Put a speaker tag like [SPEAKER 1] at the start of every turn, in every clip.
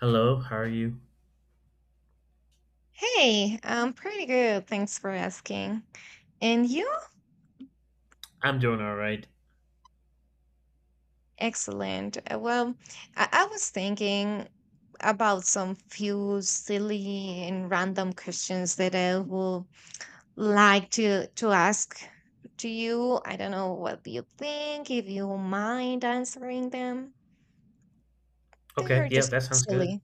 [SPEAKER 1] Hello, how are you?
[SPEAKER 2] Hey, I'm pretty good. Thanks for asking. And you?
[SPEAKER 1] I'm doing all right.
[SPEAKER 2] Excellent. Well, I was thinking about some few silly and random questions that I would like to ask to you. I don't know what you think, if you mind answering them. They
[SPEAKER 1] Okay,
[SPEAKER 2] are
[SPEAKER 1] yeah,
[SPEAKER 2] just
[SPEAKER 1] that sounds good.
[SPEAKER 2] silly,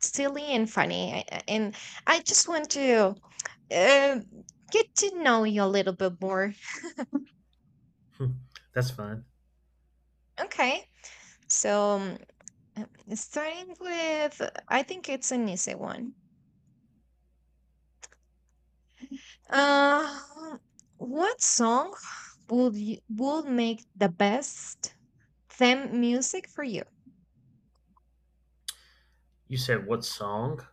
[SPEAKER 2] silly and funny. And I just want to uh, get to know you a little bit more.
[SPEAKER 1] Hmm, That's fine.
[SPEAKER 2] Okay. So um, Um, Starting with, I think it's an easy one. Uh, what song would you, would make the best theme music for you?
[SPEAKER 1] You said what song?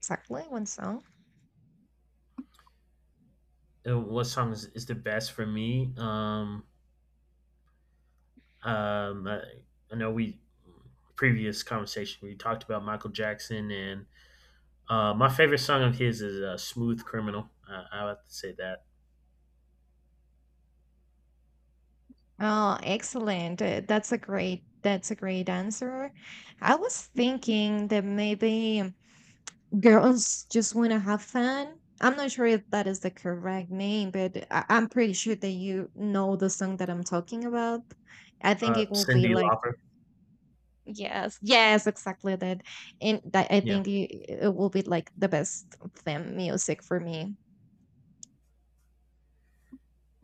[SPEAKER 2] Exactly, one song.
[SPEAKER 1] What song is the best for me? Um, I, I know we previous conversation we talked about Michael Jackson, and my favorite song of his is "Smooth Criminal." I would have to say that.
[SPEAKER 2] Oh, excellent. That's a great answer. I was thinking that maybe girls just want to have fun. I'm not sure if that is the correct name, but I'm pretty sure that you know the song that I'm talking about. I think it will be
[SPEAKER 1] Cindy
[SPEAKER 2] like.
[SPEAKER 1] Lauper.
[SPEAKER 2] Yes, yes, exactly that. And that I
[SPEAKER 1] Yeah.
[SPEAKER 2] think it will be like the best theme music for me.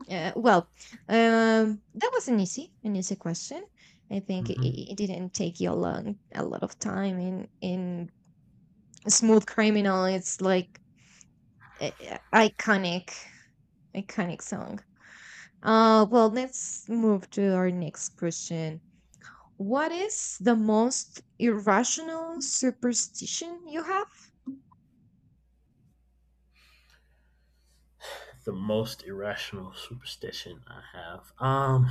[SPEAKER 2] Uh, well, that was an easy question. I think
[SPEAKER 1] hmm
[SPEAKER 2] it didn't take you a lot of time. In Smooth Criminal, it's like iconic, iconic song. Well, let's move to our next question. What is the most irrational superstition you
[SPEAKER 1] The most irrational superstition I have.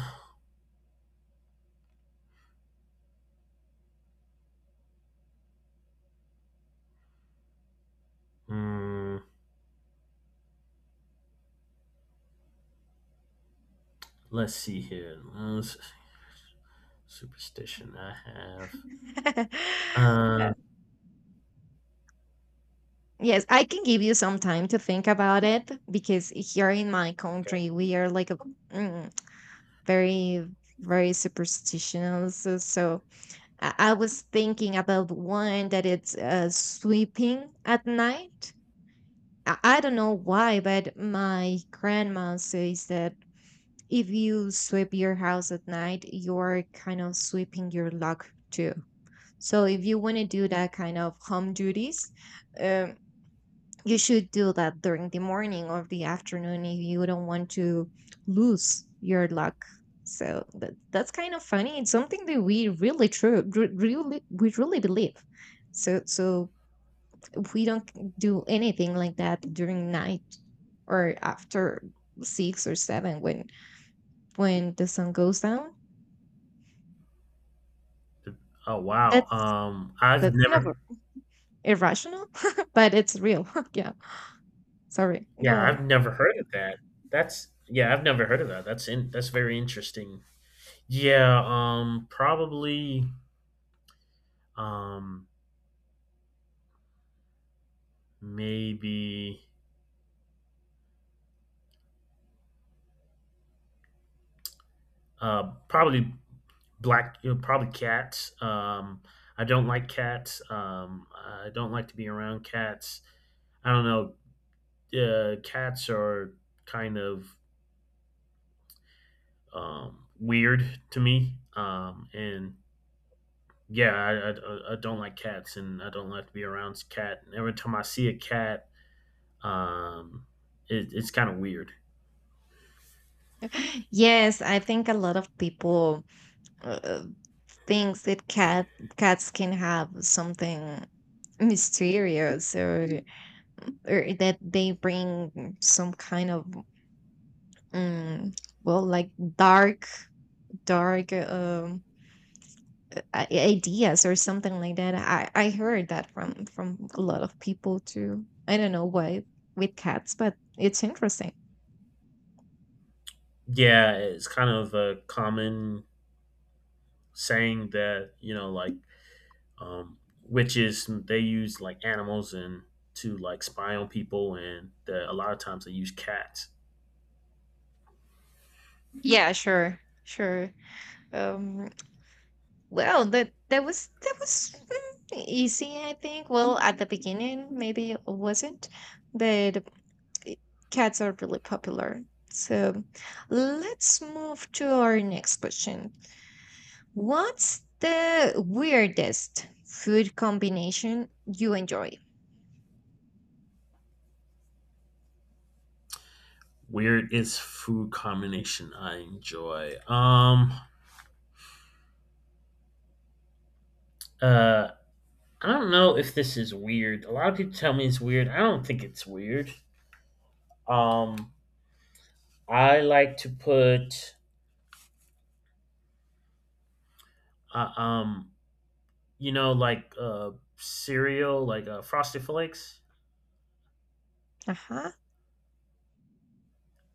[SPEAKER 1] mm, let's see here. Superstition I have.
[SPEAKER 2] have?
[SPEAKER 1] Um,
[SPEAKER 2] Yes, I can give you some time to think about it because here in my
[SPEAKER 1] okay.
[SPEAKER 2] country we are like a mm, very, very superstitious. So I was thinking about one that it's sweeping at night. I don't know why, but my grandma says that if you sweep your house at night, you're kind of sweeping your luck too. So if you want to do that kind of home duties, um, you should do that during the morning or the afternoon if you don't want to lose your luck. So that's kind of funny. It's something that we really we really believe. So we don't do anything like that during night or after six or seven when the sun goes down.
[SPEAKER 1] Oh wow.
[SPEAKER 2] That's
[SPEAKER 1] I've
[SPEAKER 2] that's kind of
[SPEAKER 1] never.
[SPEAKER 2] irrational, but it's real. Yeah. Sorry. Go
[SPEAKER 1] Yeah,
[SPEAKER 2] on.
[SPEAKER 1] I've never heard of that. I've never heard of that. That's in. That's very interesting. Yeah. Probably. Um, maybe. Probably black. You know, probably cats. I don't like cats. I don't like to be around cats. I don't know. Cats are kind of weird to me. And yeah, I don't like cats, and I don't like to be around cat. And every time I see a cat, um, it's kind of weird.
[SPEAKER 2] Yes, I think a lot of people uh, thinks that cats can have something mysterious or that they bring some kind of um, well, like dark, ideas or something like that. I heard that from a lot of people too. I don't know why with cats, but it's interesting.
[SPEAKER 1] Yeah, it's kind of a common saying that like um, witches, they use like animals and to like spy on people, and that a lot of times they use cats.
[SPEAKER 2] Yeah, sure, sure. um Well, that was easy, I think. Well, at the beginning, maybe it wasn't, but i- cats are really popular. So let's move to our next question. What's the weirdest food combination you enjoy?
[SPEAKER 1] Weird is food combination I enjoy. Uh, I don't know if this is weird. A lot of people tell me it's weird. I don't think it's weird. Um, I like to put, uh, um, you know, like uh, cereal, like Frosted Flakes.
[SPEAKER 2] Uh-huh.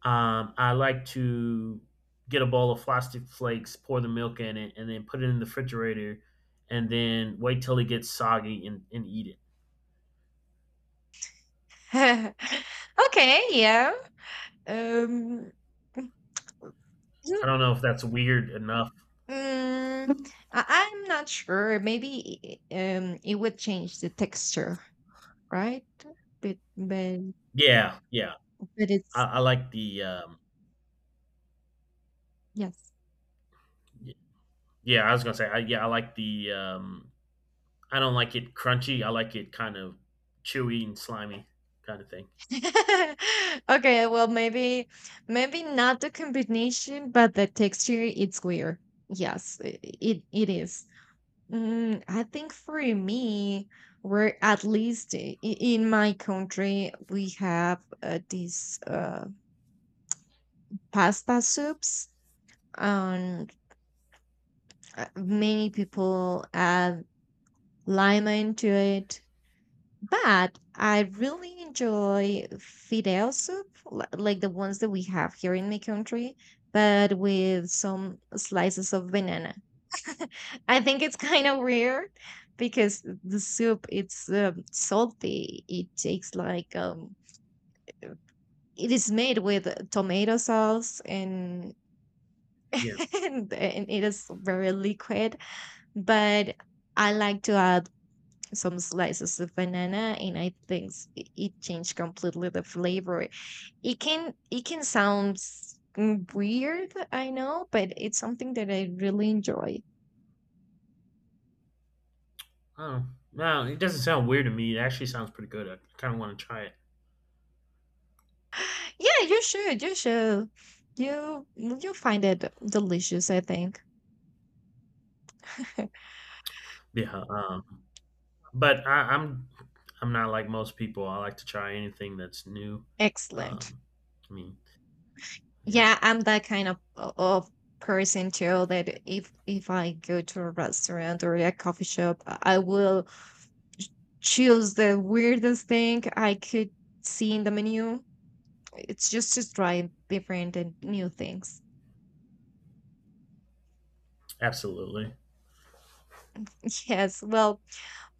[SPEAKER 1] I like to get a bowl of Frosted Flakes, pour the milk in it, and then put it in the refrigerator, and then wait till it gets soggy and eat it.
[SPEAKER 2] Okay, yeah. Um,
[SPEAKER 1] I don't know if that's weird enough.
[SPEAKER 2] Mm, I'm not sure. Maybe it would change the texture, right? But but,
[SPEAKER 1] Yeah, yeah.
[SPEAKER 2] but it's,
[SPEAKER 1] I like the.
[SPEAKER 2] yes.
[SPEAKER 1] Y- yeah, I was gonna say. Yeah, I like the I don't like it crunchy. I like it kind of chewy and slimy kind of thing.
[SPEAKER 2] Okay, well, maybe not the combination, but the texture it's weird. Yes, it it is. Mm, I think for me, we're at least in my country we have these pasta soups. Many people add lima into it, but I really enjoy fideo soup, like the ones that we have here in my country, but with some slices of banana. I think it's kind of weird, because the soup it's salty, it takes like it is made with tomato sauce, and
[SPEAKER 1] Yeah.
[SPEAKER 2] and it is very liquid, but I like to add some slices of banana, and I think it changed completely the flavor. It can, it can sound weird, I know, but it's something that I really enjoy.
[SPEAKER 1] Oh, no, it doesn't sound weird to me. It actually sounds pretty good. I kind of want to try it.
[SPEAKER 2] Yeah, you should, you should. You you'll find it delicious, I think.
[SPEAKER 1] Yeah. But I'm not like most people. I like to try anything that's new.
[SPEAKER 2] Excellent.
[SPEAKER 1] Um, I mean, yeah,
[SPEAKER 2] Yeah, I'm that kind of person too, that if I go to a restaurant or a coffee shop, I will choose the weirdest thing I could see in the menu. It's just to try different and new things.
[SPEAKER 1] absolutely.
[SPEAKER 2] Yes, well,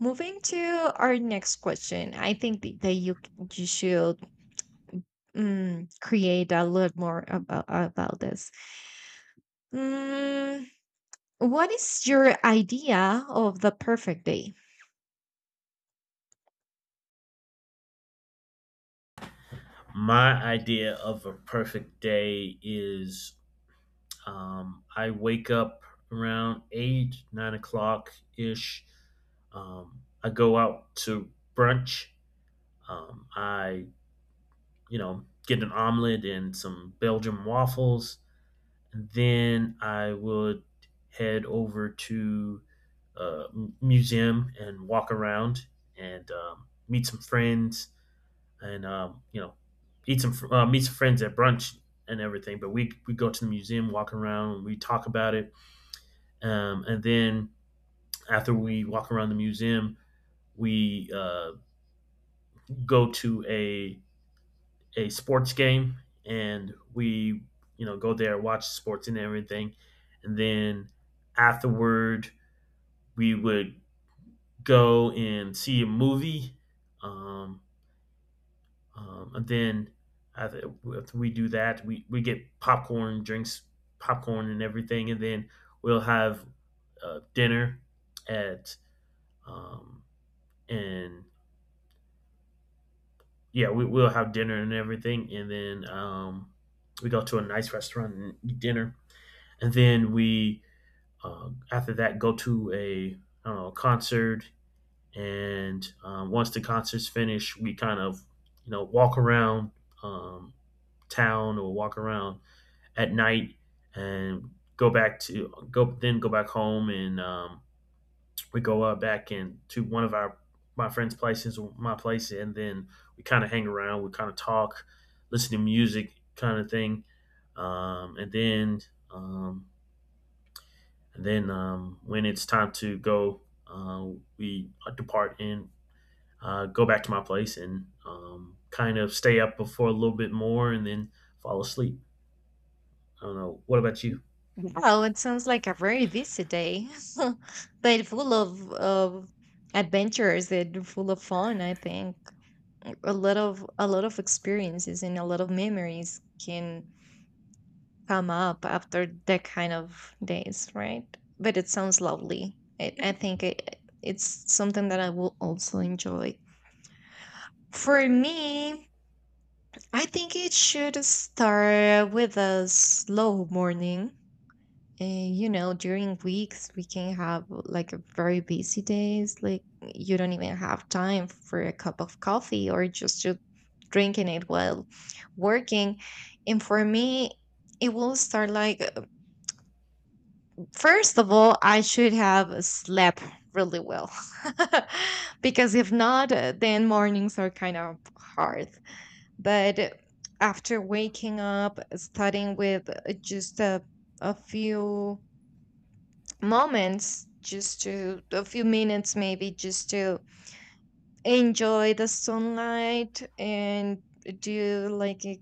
[SPEAKER 2] moving to our next question, I think that you should create a lot more about this. Mm, what is your idea of the perfect day?
[SPEAKER 1] My idea of a perfect day is I wake up around eight, 9 o'clock ish. I go out to brunch. Um, I, you know, get an omelet and some Belgian waffles. And then I would head over to uh, museum and walk around and meet some friends and you know meet some friends at brunch and everything. But we go to the museum, walk around, and we talk about it. And then after we walk around the museum, we go to a sports game, and we you know go there watch sports and everything, and then afterward we would go and see a movie. Um, and then after, after we do that, we get popcorn, drinks, popcorn, and everything. And then we'll have dinner at um, and yeah, we'll have dinner and everything, and then we go to a nice restaurant and eat dinner, and then we after that go to a I don't know, a concert, and once the concert's finished, we kind of you know walk around um, town or walk around at night and go then go back home and we go out back in to one of our my place, and then we kind of hang around. We kind of talk, listen to music, kind of thing, um, and then um, and then when it's time to go, we depart and go back to my place and kind of stay up before a little bit more, and then fall asleep. I don't know. What about you?
[SPEAKER 2] Well, it sounds like a very busy day, but full of adventures and full of fun, I think. A lot of a lot of experiences and a lot of memories can come up after that kind of days, right? But it sounds lovely. I think it's something that I will also enjoy. For me, I think it should start with a slow morning. And you know, during weeks, we can have like a very busy days. Like, you don't even have time for a cup of coffee, or just to drinking it while working. And for me, it will start like first of all, I should have slept really well because if not, then mornings are kind of hard. But after waking up, starting with just a few moments, just to a few minutes maybe, just to enjoy the sunlight and do like a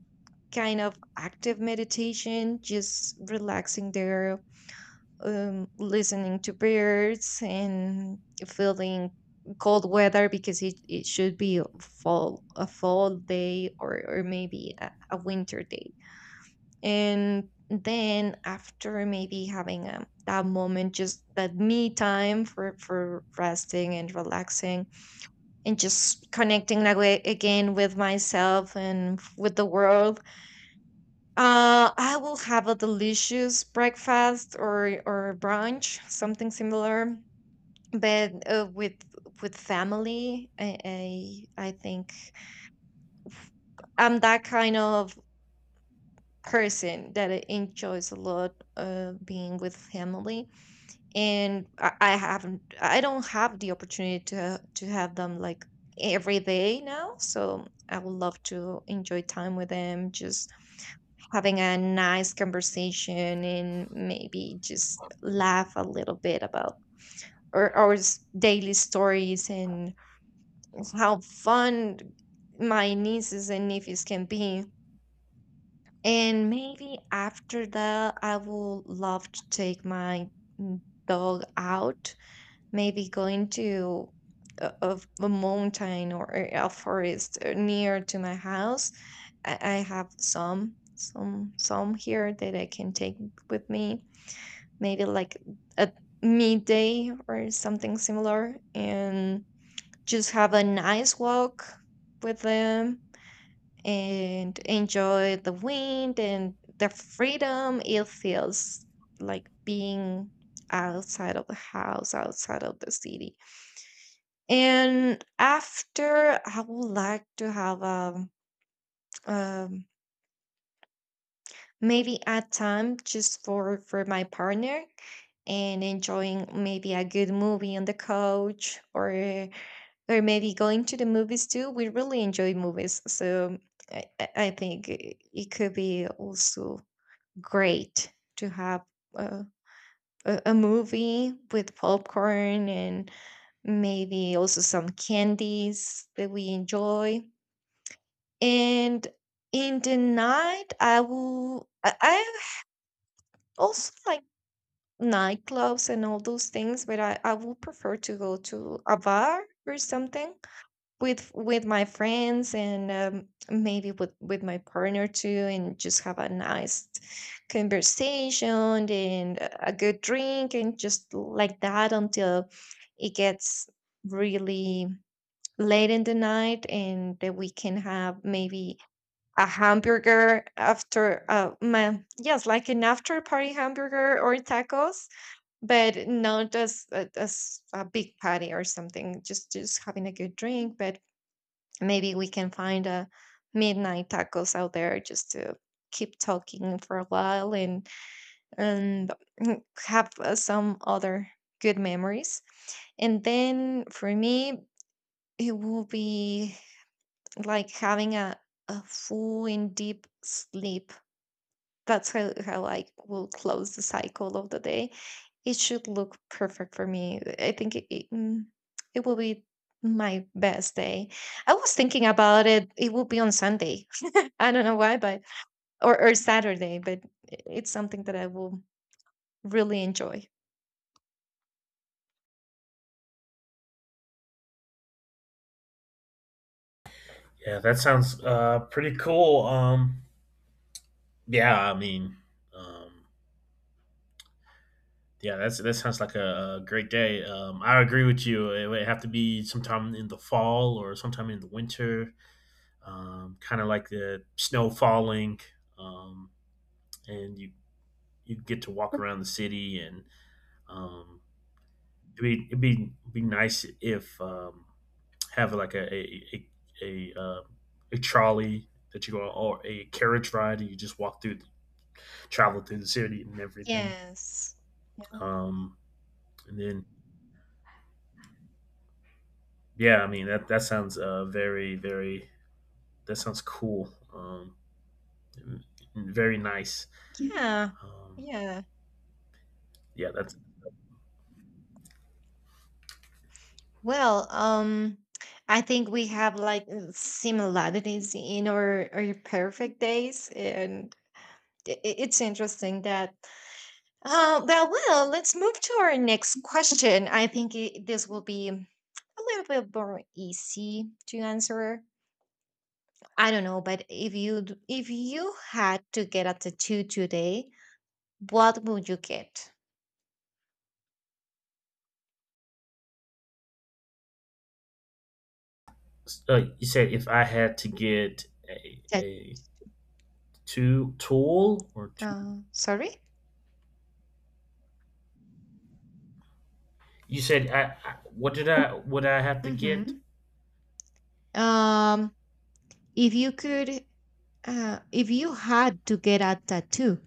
[SPEAKER 2] kind of active meditation, just relaxing there, listening to birds and feeling cold weather, because it should be a fall day, or maybe a winter day. And then, after maybe having that moment, just that me time for resting and relaxing, and just connecting like again with myself and with the world, I will have a delicious breakfast or brunch, something similar, but with family. I think I'm that kind of person that I enjoys a lot being with family, and I haven't, I don't have the opportunity to have them like every day now. So I would love to enjoy time with them, just having a nice conversation and maybe just laugh a little bit about our daily stories and how fun my nieces and nephews can be. And maybe after that, I would love to take my mm, dog out, maybe going to a mountain or a forest near to my house. I have some here that I can take with me, maybe like a midday or something similar, and just have a nice walk with them and enjoy the wind and the freedom it feels like, being outside of the house, outside of the city. And after, I would like to have a um, maybe a time just for my partner, and enjoying maybe a good movie on the couch, or maybe going to the movies too. We really enjoy movies, so I think it it could be also great to have a, a movie with popcorn, and maybe also some candies that we enjoy. And in the night, I also like nightclubs and all those things, but I would prefer to go to a bar or something with my friends, and maybe with my partner too, and just have a nice conversation and a good drink, and just like that until it gets really late in the night. And that we can have maybe a hamburger after yes, like an after party hamburger or tacos, but not as, as a big party or something, just having a good drink. But maybe we can find a midnight tacos out there, just to keep talking for a while, and have some other good memories. And then for me, it will be like having a full and deep sleep. That's how I will close the cycle of the day. It should look perfect for me. I think it will be my best day. I was thinking about it. It will be on Sunday. I don't know why, but or Saturday. But it's something that I will really enjoy.
[SPEAKER 1] Yeah, that sounds pretty cool. Yeah, I mean, um, Yeah, that sounds like a great day. I agree with you. It would have to be sometime in the fall or sometime in the winter, kind of like the snow falling, um, and you get to walk around the city, and um, be nice if have like a, uh, a trolley that you go on, or a carriage ride, and you just walk through, travel through the city and everything.
[SPEAKER 2] Yes. Yeah.
[SPEAKER 1] Um, and then Yeah, I mean that sounds very very that sounds cool and- and very nice.
[SPEAKER 2] Yeah.
[SPEAKER 1] Um,
[SPEAKER 2] Yeah.
[SPEAKER 1] yeah, that's.
[SPEAKER 2] Well, I think we have like similarities in our perfect days, and it's interesting that. Let's move to our next question. I think I this will be a little bit more easy to answer. I don't know, but if if you had to get a tattoo today, what would you get?
[SPEAKER 1] You said if I had to get
[SPEAKER 2] Tat-
[SPEAKER 1] a two tool or two,
[SPEAKER 2] sorry.
[SPEAKER 1] you said I what did I what I have to get?
[SPEAKER 2] Mm-hmm. Um, if you could, if you had to get a tattoo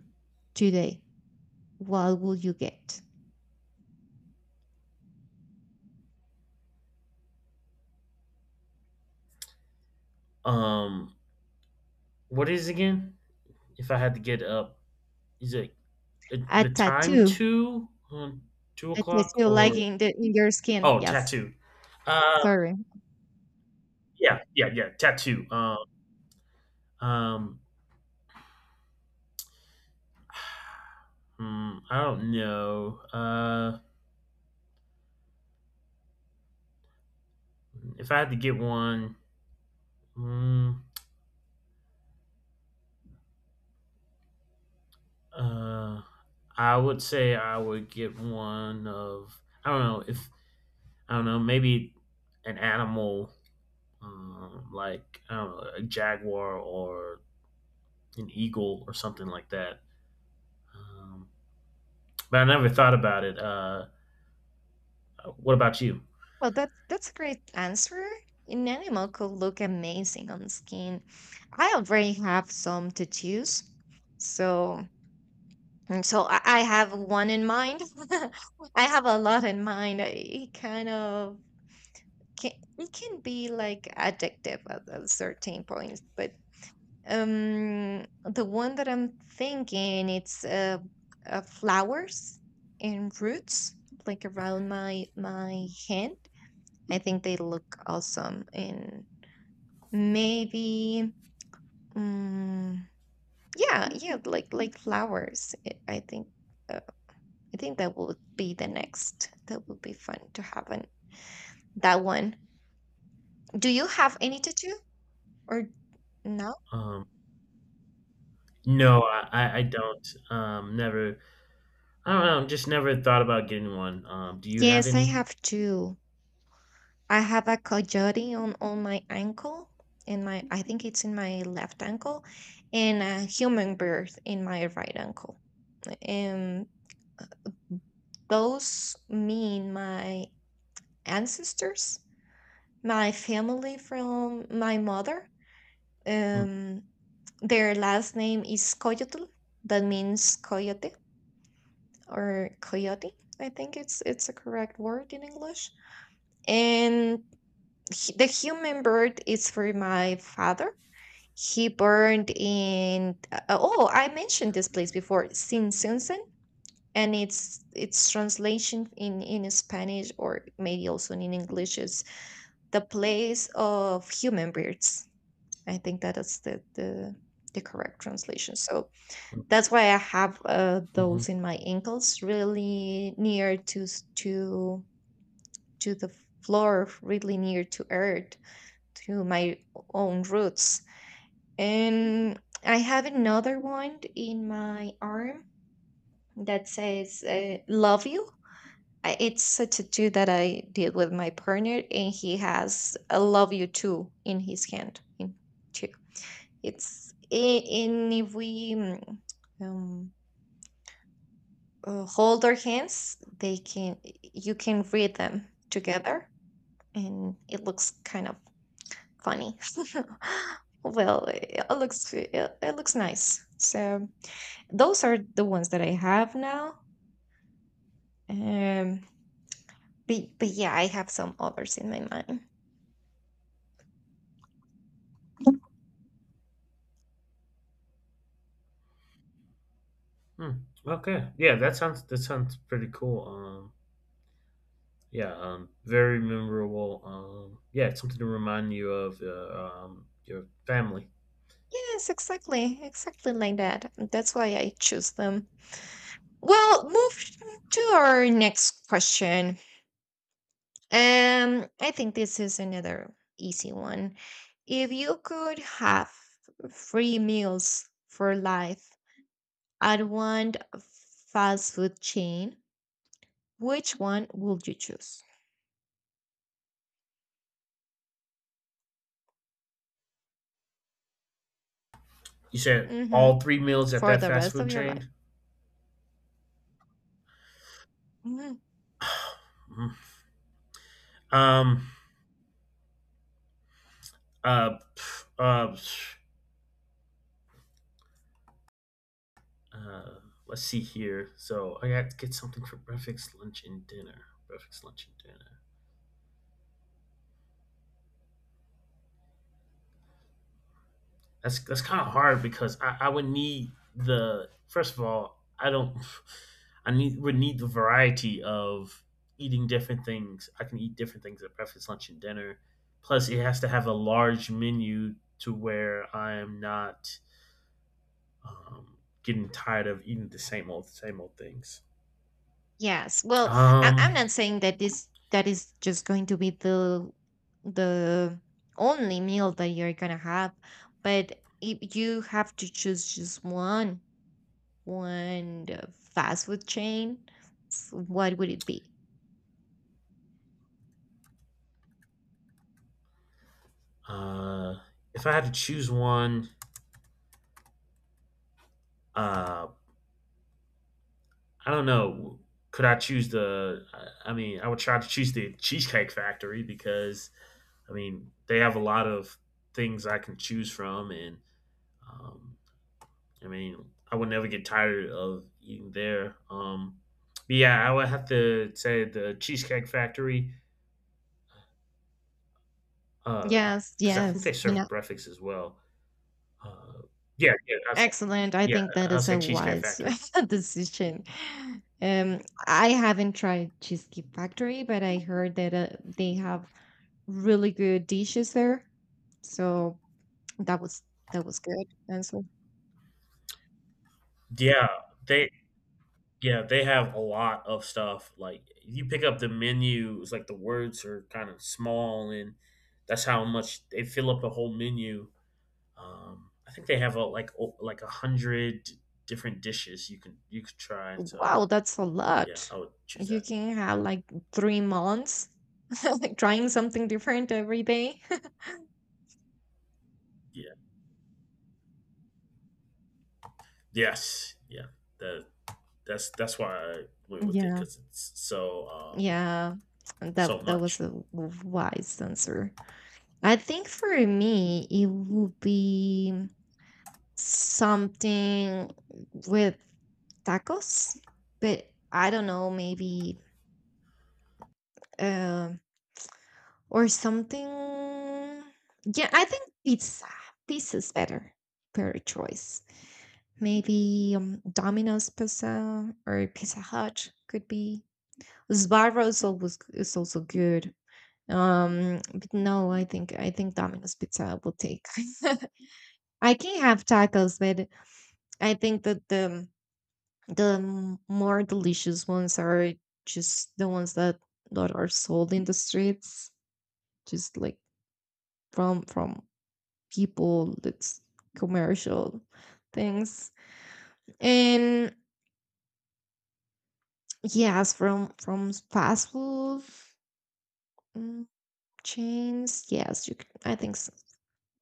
[SPEAKER 2] today, what would you get?
[SPEAKER 1] Um, what is it again? If I had to get up, is it
[SPEAKER 2] A
[SPEAKER 1] the time
[SPEAKER 2] tattoo,
[SPEAKER 1] two two
[SPEAKER 2] a
[SPEAKER 1] o'clock
[SPEAKER 2] tattoo, like
[SPEAKER 1] or
[SPEAKER 2] in the in your skin.
[SPEAKER 1] oh
[SPEAKER 2] Yes.
[SPEAKER 1] tattoo? Uh,
[SPEAKER 2] Sorry.
[SPEAKER 1] yeah, tattoo. Um, I don't know. If I had to get one, mm, uh, I would say I would get one of I don't know if I don't know maybe an animal like I don't know a jaguar or an eagle or something like that. Um, but I never thought about it. What about you?
[SPEAKER 2] Well, that's a great answer. An animal could look amazing on skin. I already have some tattoos, so, and so I have one in mind. I have a lot in mind. It kind of can, it can be like addictive at a certain points, but the one that I'm thinking it's flowers and roots like around my hand. I think they look awesome and maybe mm, yeah, yeah, like flowers. I think uh, I think that would be the next. That would be fun to have an that one. Do you have any tattoo or no?
[SPEAKER 1] Um, no, I don't. Never. I don't know. Just never thought about getting one. Do you have
[SPEAKER 2] Yes, I
[SPEAKER 1] any?
[SPEAKER 2] have two. I have a coyote on my ankle, in my, I think it's in my left ankle, and a human birth in my right ankle. And those mean my ancestors, my family from my mother.
[SPEAKER 1] Mm-hmm.
[SPEAKER 2] Um, their last name is Coyotl. That means coyote or coyote. I think it's a correct word in English. And the human birth is for my father. He burned in oh, I mentioned this place before, Sinsunsen, and it's its translation in Spanish or maybe also in English is the place of human birds. I think that is the the correct translation. So that's why I have
[SPEAKER 1] Mm-hmm.
[SPEAKER 2] those in my ankles, really near to to the floor, really near to earth, to my own roots. And I have another one in my arm that says "Love you." It's a tattoo that I did with my partner, and he has a "Love you too" in his hand. In two. And if we um, hold our hands, they can, you can read them together, and it looks kind of funny. Well, it, it looks nice. So those are the ones that I have now. Um, but yeah, I have some others in my mind.
[SPEAKER 1] Hmm. Okay. Yeah, that sounds pretty cool. Yeah. Very memorable. Yeah, it's something to remind you of your family.
[SPEAKER 2] Yes, exactly, exactly like that. That's why I choose them. Well, move to our next question. I think this is another easy one. If you could have free meals for life at one fast food chain, which one would you choose?
[SPEAKER 1] You said
[SPEAKER 2] Hmm.
[SPEAKER 1] all three meals at
[SPEAKER 2] For
[SPEAKER 1] that
[SPEAKER 2] the
[SPEAKER 1] fast
[SPEAKER 2] rest of
[SPEAKER 1] food
[SPEAKER 2] your life.
[SPEAKER 1] chain.
[SPEAKER 2] Mhm.
[SPEAKER 1] Mhm. Um. Uh. pff, Uh. pff, uh, Let's see here. So I got to get something for breakfast, lunch, and dinner. Breakfast, lunch, and dinner. That's kind of hard because I would need the first of all I don't I need would need the variety of eating different things. I can eat different things at breakfast, lunch, and dinner. Plus, it has to have a large menu to where I am not getting tired of eating the same old things.
[SPEAKER 2] Yes. Well, I'm
[SPEAKER 1] Um,
[SPEAKER 2] not saying that this that is just going to be the only meal that you're gonna have, but if you have to choose just one, one fast food chain, what would it be?
[SPEAKER 1] uh, if I had to choose one, uh, I don't know. Could I choose the? I mean, I would try to choose the Cheesecake Factory because, I mean, they have a lot of things I can choose from, and um, I mean, I would never get tired of eating there. But yeah, I would have to say the Cheesecake Factory
[SPEAKER 2] Yes,
[SPEAKER 1] because I think they
[SPEAKER 2] yes, you know,
[SPEAKER 1] serve breakfast as well. Uh, yeah, yeah, I'll say,
[SPEAKER 2] excellent. I
[SPEAKER 1] yeah,
[SPEAKER 2] think that
[SPEAKER 1] I'll
[SPEAKER 2] is
[SPEAKER 1] say
[SPEAKER 2] a
[SPEAKER 1] Cheesecake
[SPEAKER 2] wise
[SPEAKER 1] Factory.
[SPEAKER 2] decision. Um, I haven't tried Cheesecake Factory, but I heard that they have really good dishes there. So that was that was good. And so,
[SPEAKER 1] Yeah, they Yeah, they have a lot of stuff. Like if you pick up the menu, it's like the words are kind of small, and that's how much they fill up the whole menu. I think they have like like a hundred different dishes you can you could try. So
[SPEAKER 2] wow, that's a
[SPEAKER 1] yeah,
[SPEAKER 2] lot.
[SPEAKER 1] I would choose
[SPEAKER 2] You
[SPEAKER 1] that.
[SPEAKER 2] can have like 3 months trying something different every day.
[SPEAKER 1] Yeah. Yes. Yeah. That that's why I went with it
[SPEAKER 2] Yeah.
[SPEAKER 1] because it's so
[SPEAKER 2] Yeah, that
[SPEAKER 1] so
[SPEAKER 2] that was
[SPEAKER 1] much.
[SPEAKER 2] a wise answer. I think for me, it would be something with tacos, but I don't know, maybe um or something. Yeah, I think pizza. Pizza's better per choice. Maybe Domino's pizza or Pizza Hut could be. Sbarro's always is also good. But no, I think Domino's Pizza will take. I can have tacos, but I think that the more delicious ones are just the ones that that are sold in the streets, just like from people that's commercial things. And yes, from fast food mm, chains, yes, you can, I think s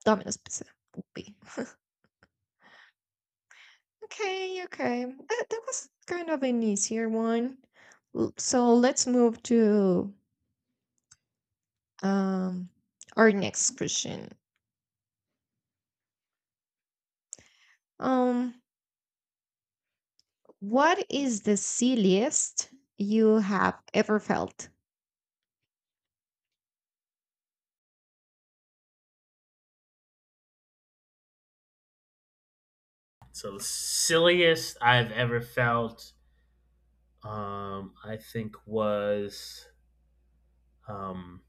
[SPEAKER 2] Domino's Pizza will be. Okay, okay. That, that was kind of an easier one. So let's move to um our next question. Um, what is the silliest you have ever felt?
[SPEAKER 1] So the silliest I've ever felt, I think was um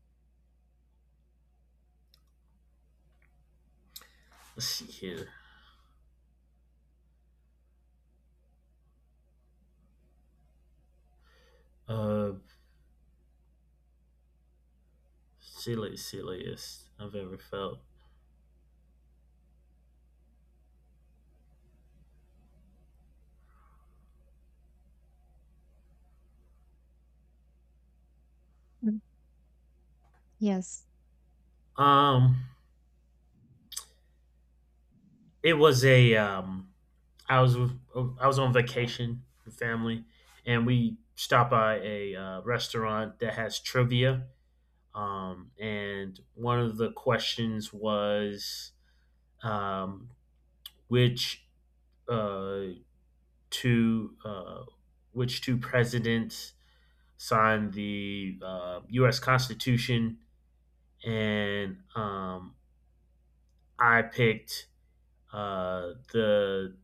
[SPEAKER 1] let's see here. Uh, Silliest I've ever felt.
[SPEAKER 2] Mm. Yes.
[SPEAKER 1] Um, it was a I was I was on vacation with family, and we stopped by a restaurant that has trivia. And one of the questions was um, which uh two uh which two presidents signed the U.S. Constitution and I picked uh, the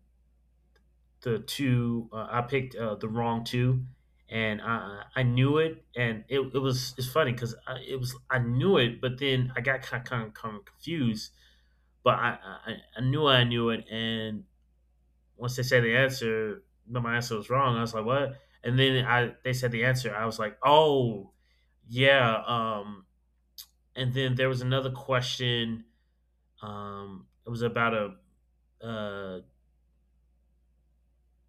[SPEAKER 1] the two. I picked the wrong two, and I knew it, and it was it's funny because it was I knew it, but then I got kind of confused. But I knew it, and once they said the answer, no, my answer was wrong. I was like, what? And then I they said the answer. I was like, oh, yeah. And then there was another question. It was about a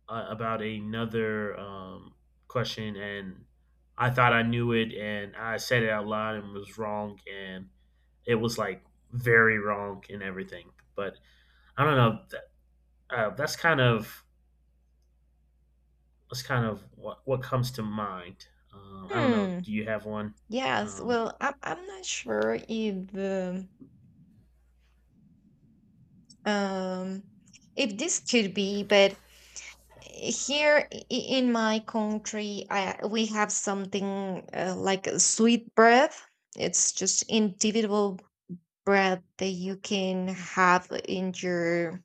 [SPEAKER 1] about another question, and I thought I knew it, and I said it out loud and was wrong, and it was like very wrong and everything. But I don't know. Uh, that's kind of that's kind of what comes to mind. I don't know.
[SPEAKER 2] Hmm.
[SPEAKER 1] Do you have one?
[SPEAKER 2] Yes,
[SPEAKER 1] Um,
[SPEAKER 2] well, I'm not sure um, if this could be, but here in my country, we have something like a sweet bread. It's just individual bread that you can have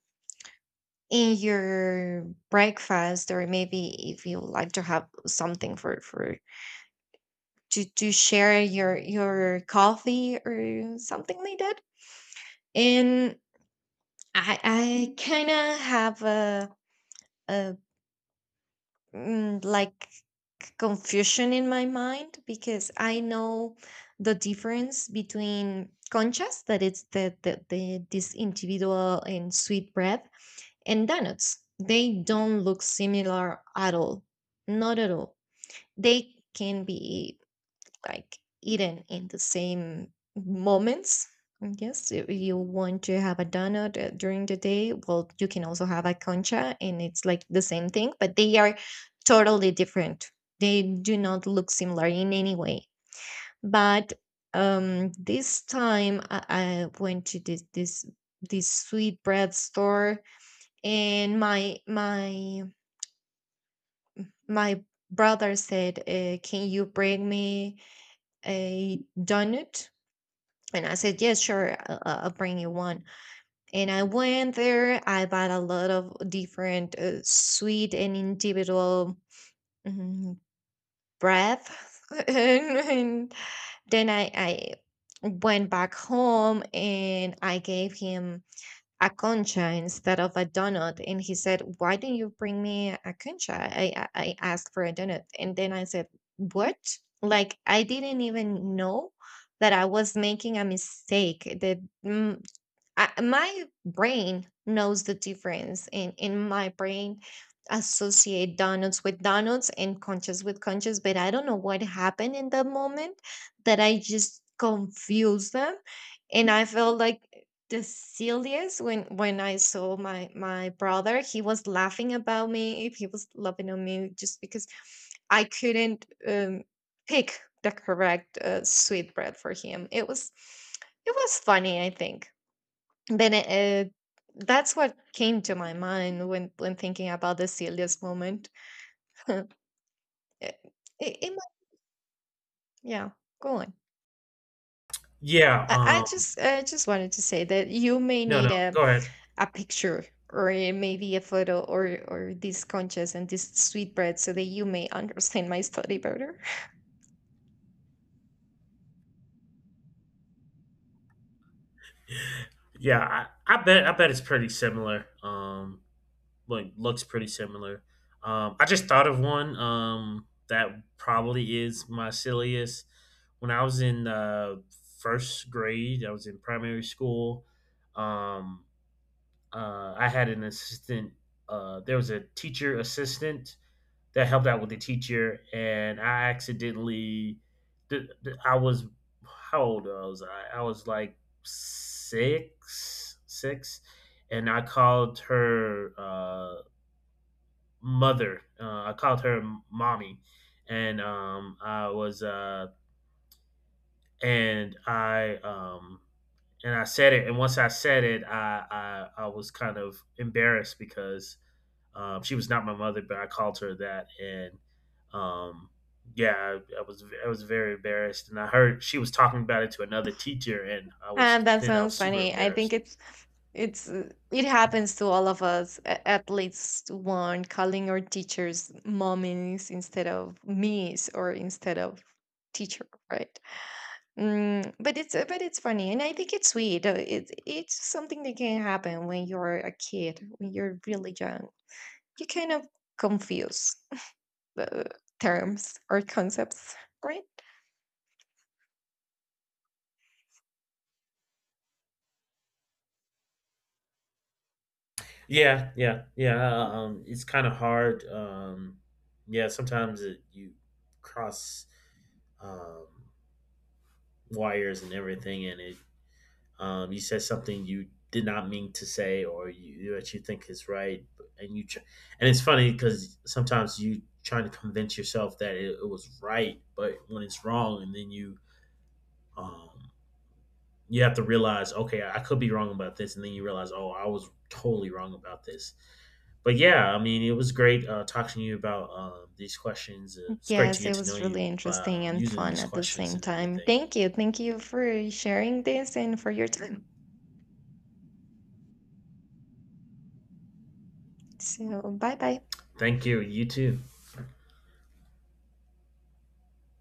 [SPEAKER 2] in your breakfast, or maybe if you like to have something for to share your coffee or something like that. And I kind of have a like confusion in my mind because I know the difference between conchas, that it's the this individual and sweet bread, and donuts. They don't look similar at all, not at all. They can be like eaten in the same moments. Yes, if you want to have a donut during the day, well, you can also have a concha, and it's like the same thing, but they are totally different. They do not look similar in any way. But this time I went to this this sweet bread store, and my brother said, "Can you bring me a donut?" And I said, yes, sure, I'll bring you one. And I went there. I bought a lot of different sweet and individual mm, bread. And then I went back home and I gave him a concha instead of a donut, and he said, why didn't you bring me a concha? I asked for a donut. And then I said, what? Like, I didn't even know that I was making a mistake, mm, my brain knows the difference, and in my brain associate donuts with donuts and conchas with conchas, but I don't know what happened in the moment that I just confused them. And I felt like the silliest when I saw my my brother. He was laughing about me. He was laughing at me just because I couldn't pick the correct sweet bread for him. It was it was funny, I think. Then that's what came to my mind when thinking about the silliest moment. it, it, it might, yeah, go on.
[SPEAKER 1] yeah.
[SPEAKER 2] I
[SPEAKER 1] Um,
[SPEAKER 2] just wanted to say that you may
[SPEAKER 1] no. No.
[SPEAKER 2] need
[SPEAKER 1] Go ahead.
[SPEAKER 2] a picture or maybe a photo or these conchas and this sweetbread so that you may understand my story better.
[SPEAKER 1] Yeah. I bet. I bet it's pretty similar. Like looks pretty similar. I just thought of one that probably is my silliest. When I was in first grade, I was in primary school. Um, I had an assistant. There was a teacher assistant that helped out with the teacher, and I accidentally, I was how old was I? I was like six, six, and I called her. Mother. I called her mommy, and um, I was uh, and I um, and I said it. And once I said it, I was kind of embarrassed because she was not my mother, but I called her that, and um, yeah, I was very embarrassed. And I heard she was talking about it to another teacher, and I was
[SPEAKER 2] And that
[SPEAKER 1] then I was
[SPEAKER 2] sounds
[SPEAKER 1] super
[SPEAKER 2] funny. I think
[SPEAKER 1] embarrassed.
[SPEAKER 2] it's it happens to all of us at least one, calling our teachers mommies instead of me's or instead of teacher, right? Mm, but it's funny, and I think it's sweet. It it's something that can happen when you're a kid, when you're really young. You kind of confuse uh, terms or concepts, right?
[SPEAKER 1] Yeah, yeah, yeah. It's kind of hard. Yeah, sometimes you cross um, wires and everything, and it you said something you did not mean to say, or you that you think is right, and and it's funny because sometimes you trying to convince yourself that it was right, but when it's wrong, and then you um, you have to realize, okay, I could be wrong about this, and then you realize, oh, I was totally wrong about this. But yeah, I mean, it was great talking to you about these questions. It's great to
[SPEAKER 2] Yes,
[SPEAKER 1] get
[SPEAKER 2] it
[SPEAKER 1] to know
[SPEAKER 2] was
[SPEAKER 1] you
[SPEAKER 2] really
[SPEAKER 1] by
[SPEAKER 2] interesting and
[SPEAKER 1] using
[SPEAKER 2] fun
[SPEAKER 1] these
[SPEAKER 2] at the
[SPEAKER 1] questions
[SPEAKER 2] same
[SPEAKER 1] and
[SPEAKER 2] time.
[SPEAKER 1] everything.
[SPEAKER 2] Thank you. Thank you for sharing this and for your time. So, bye bye.
[SPEAKER 1] Thank you. You too.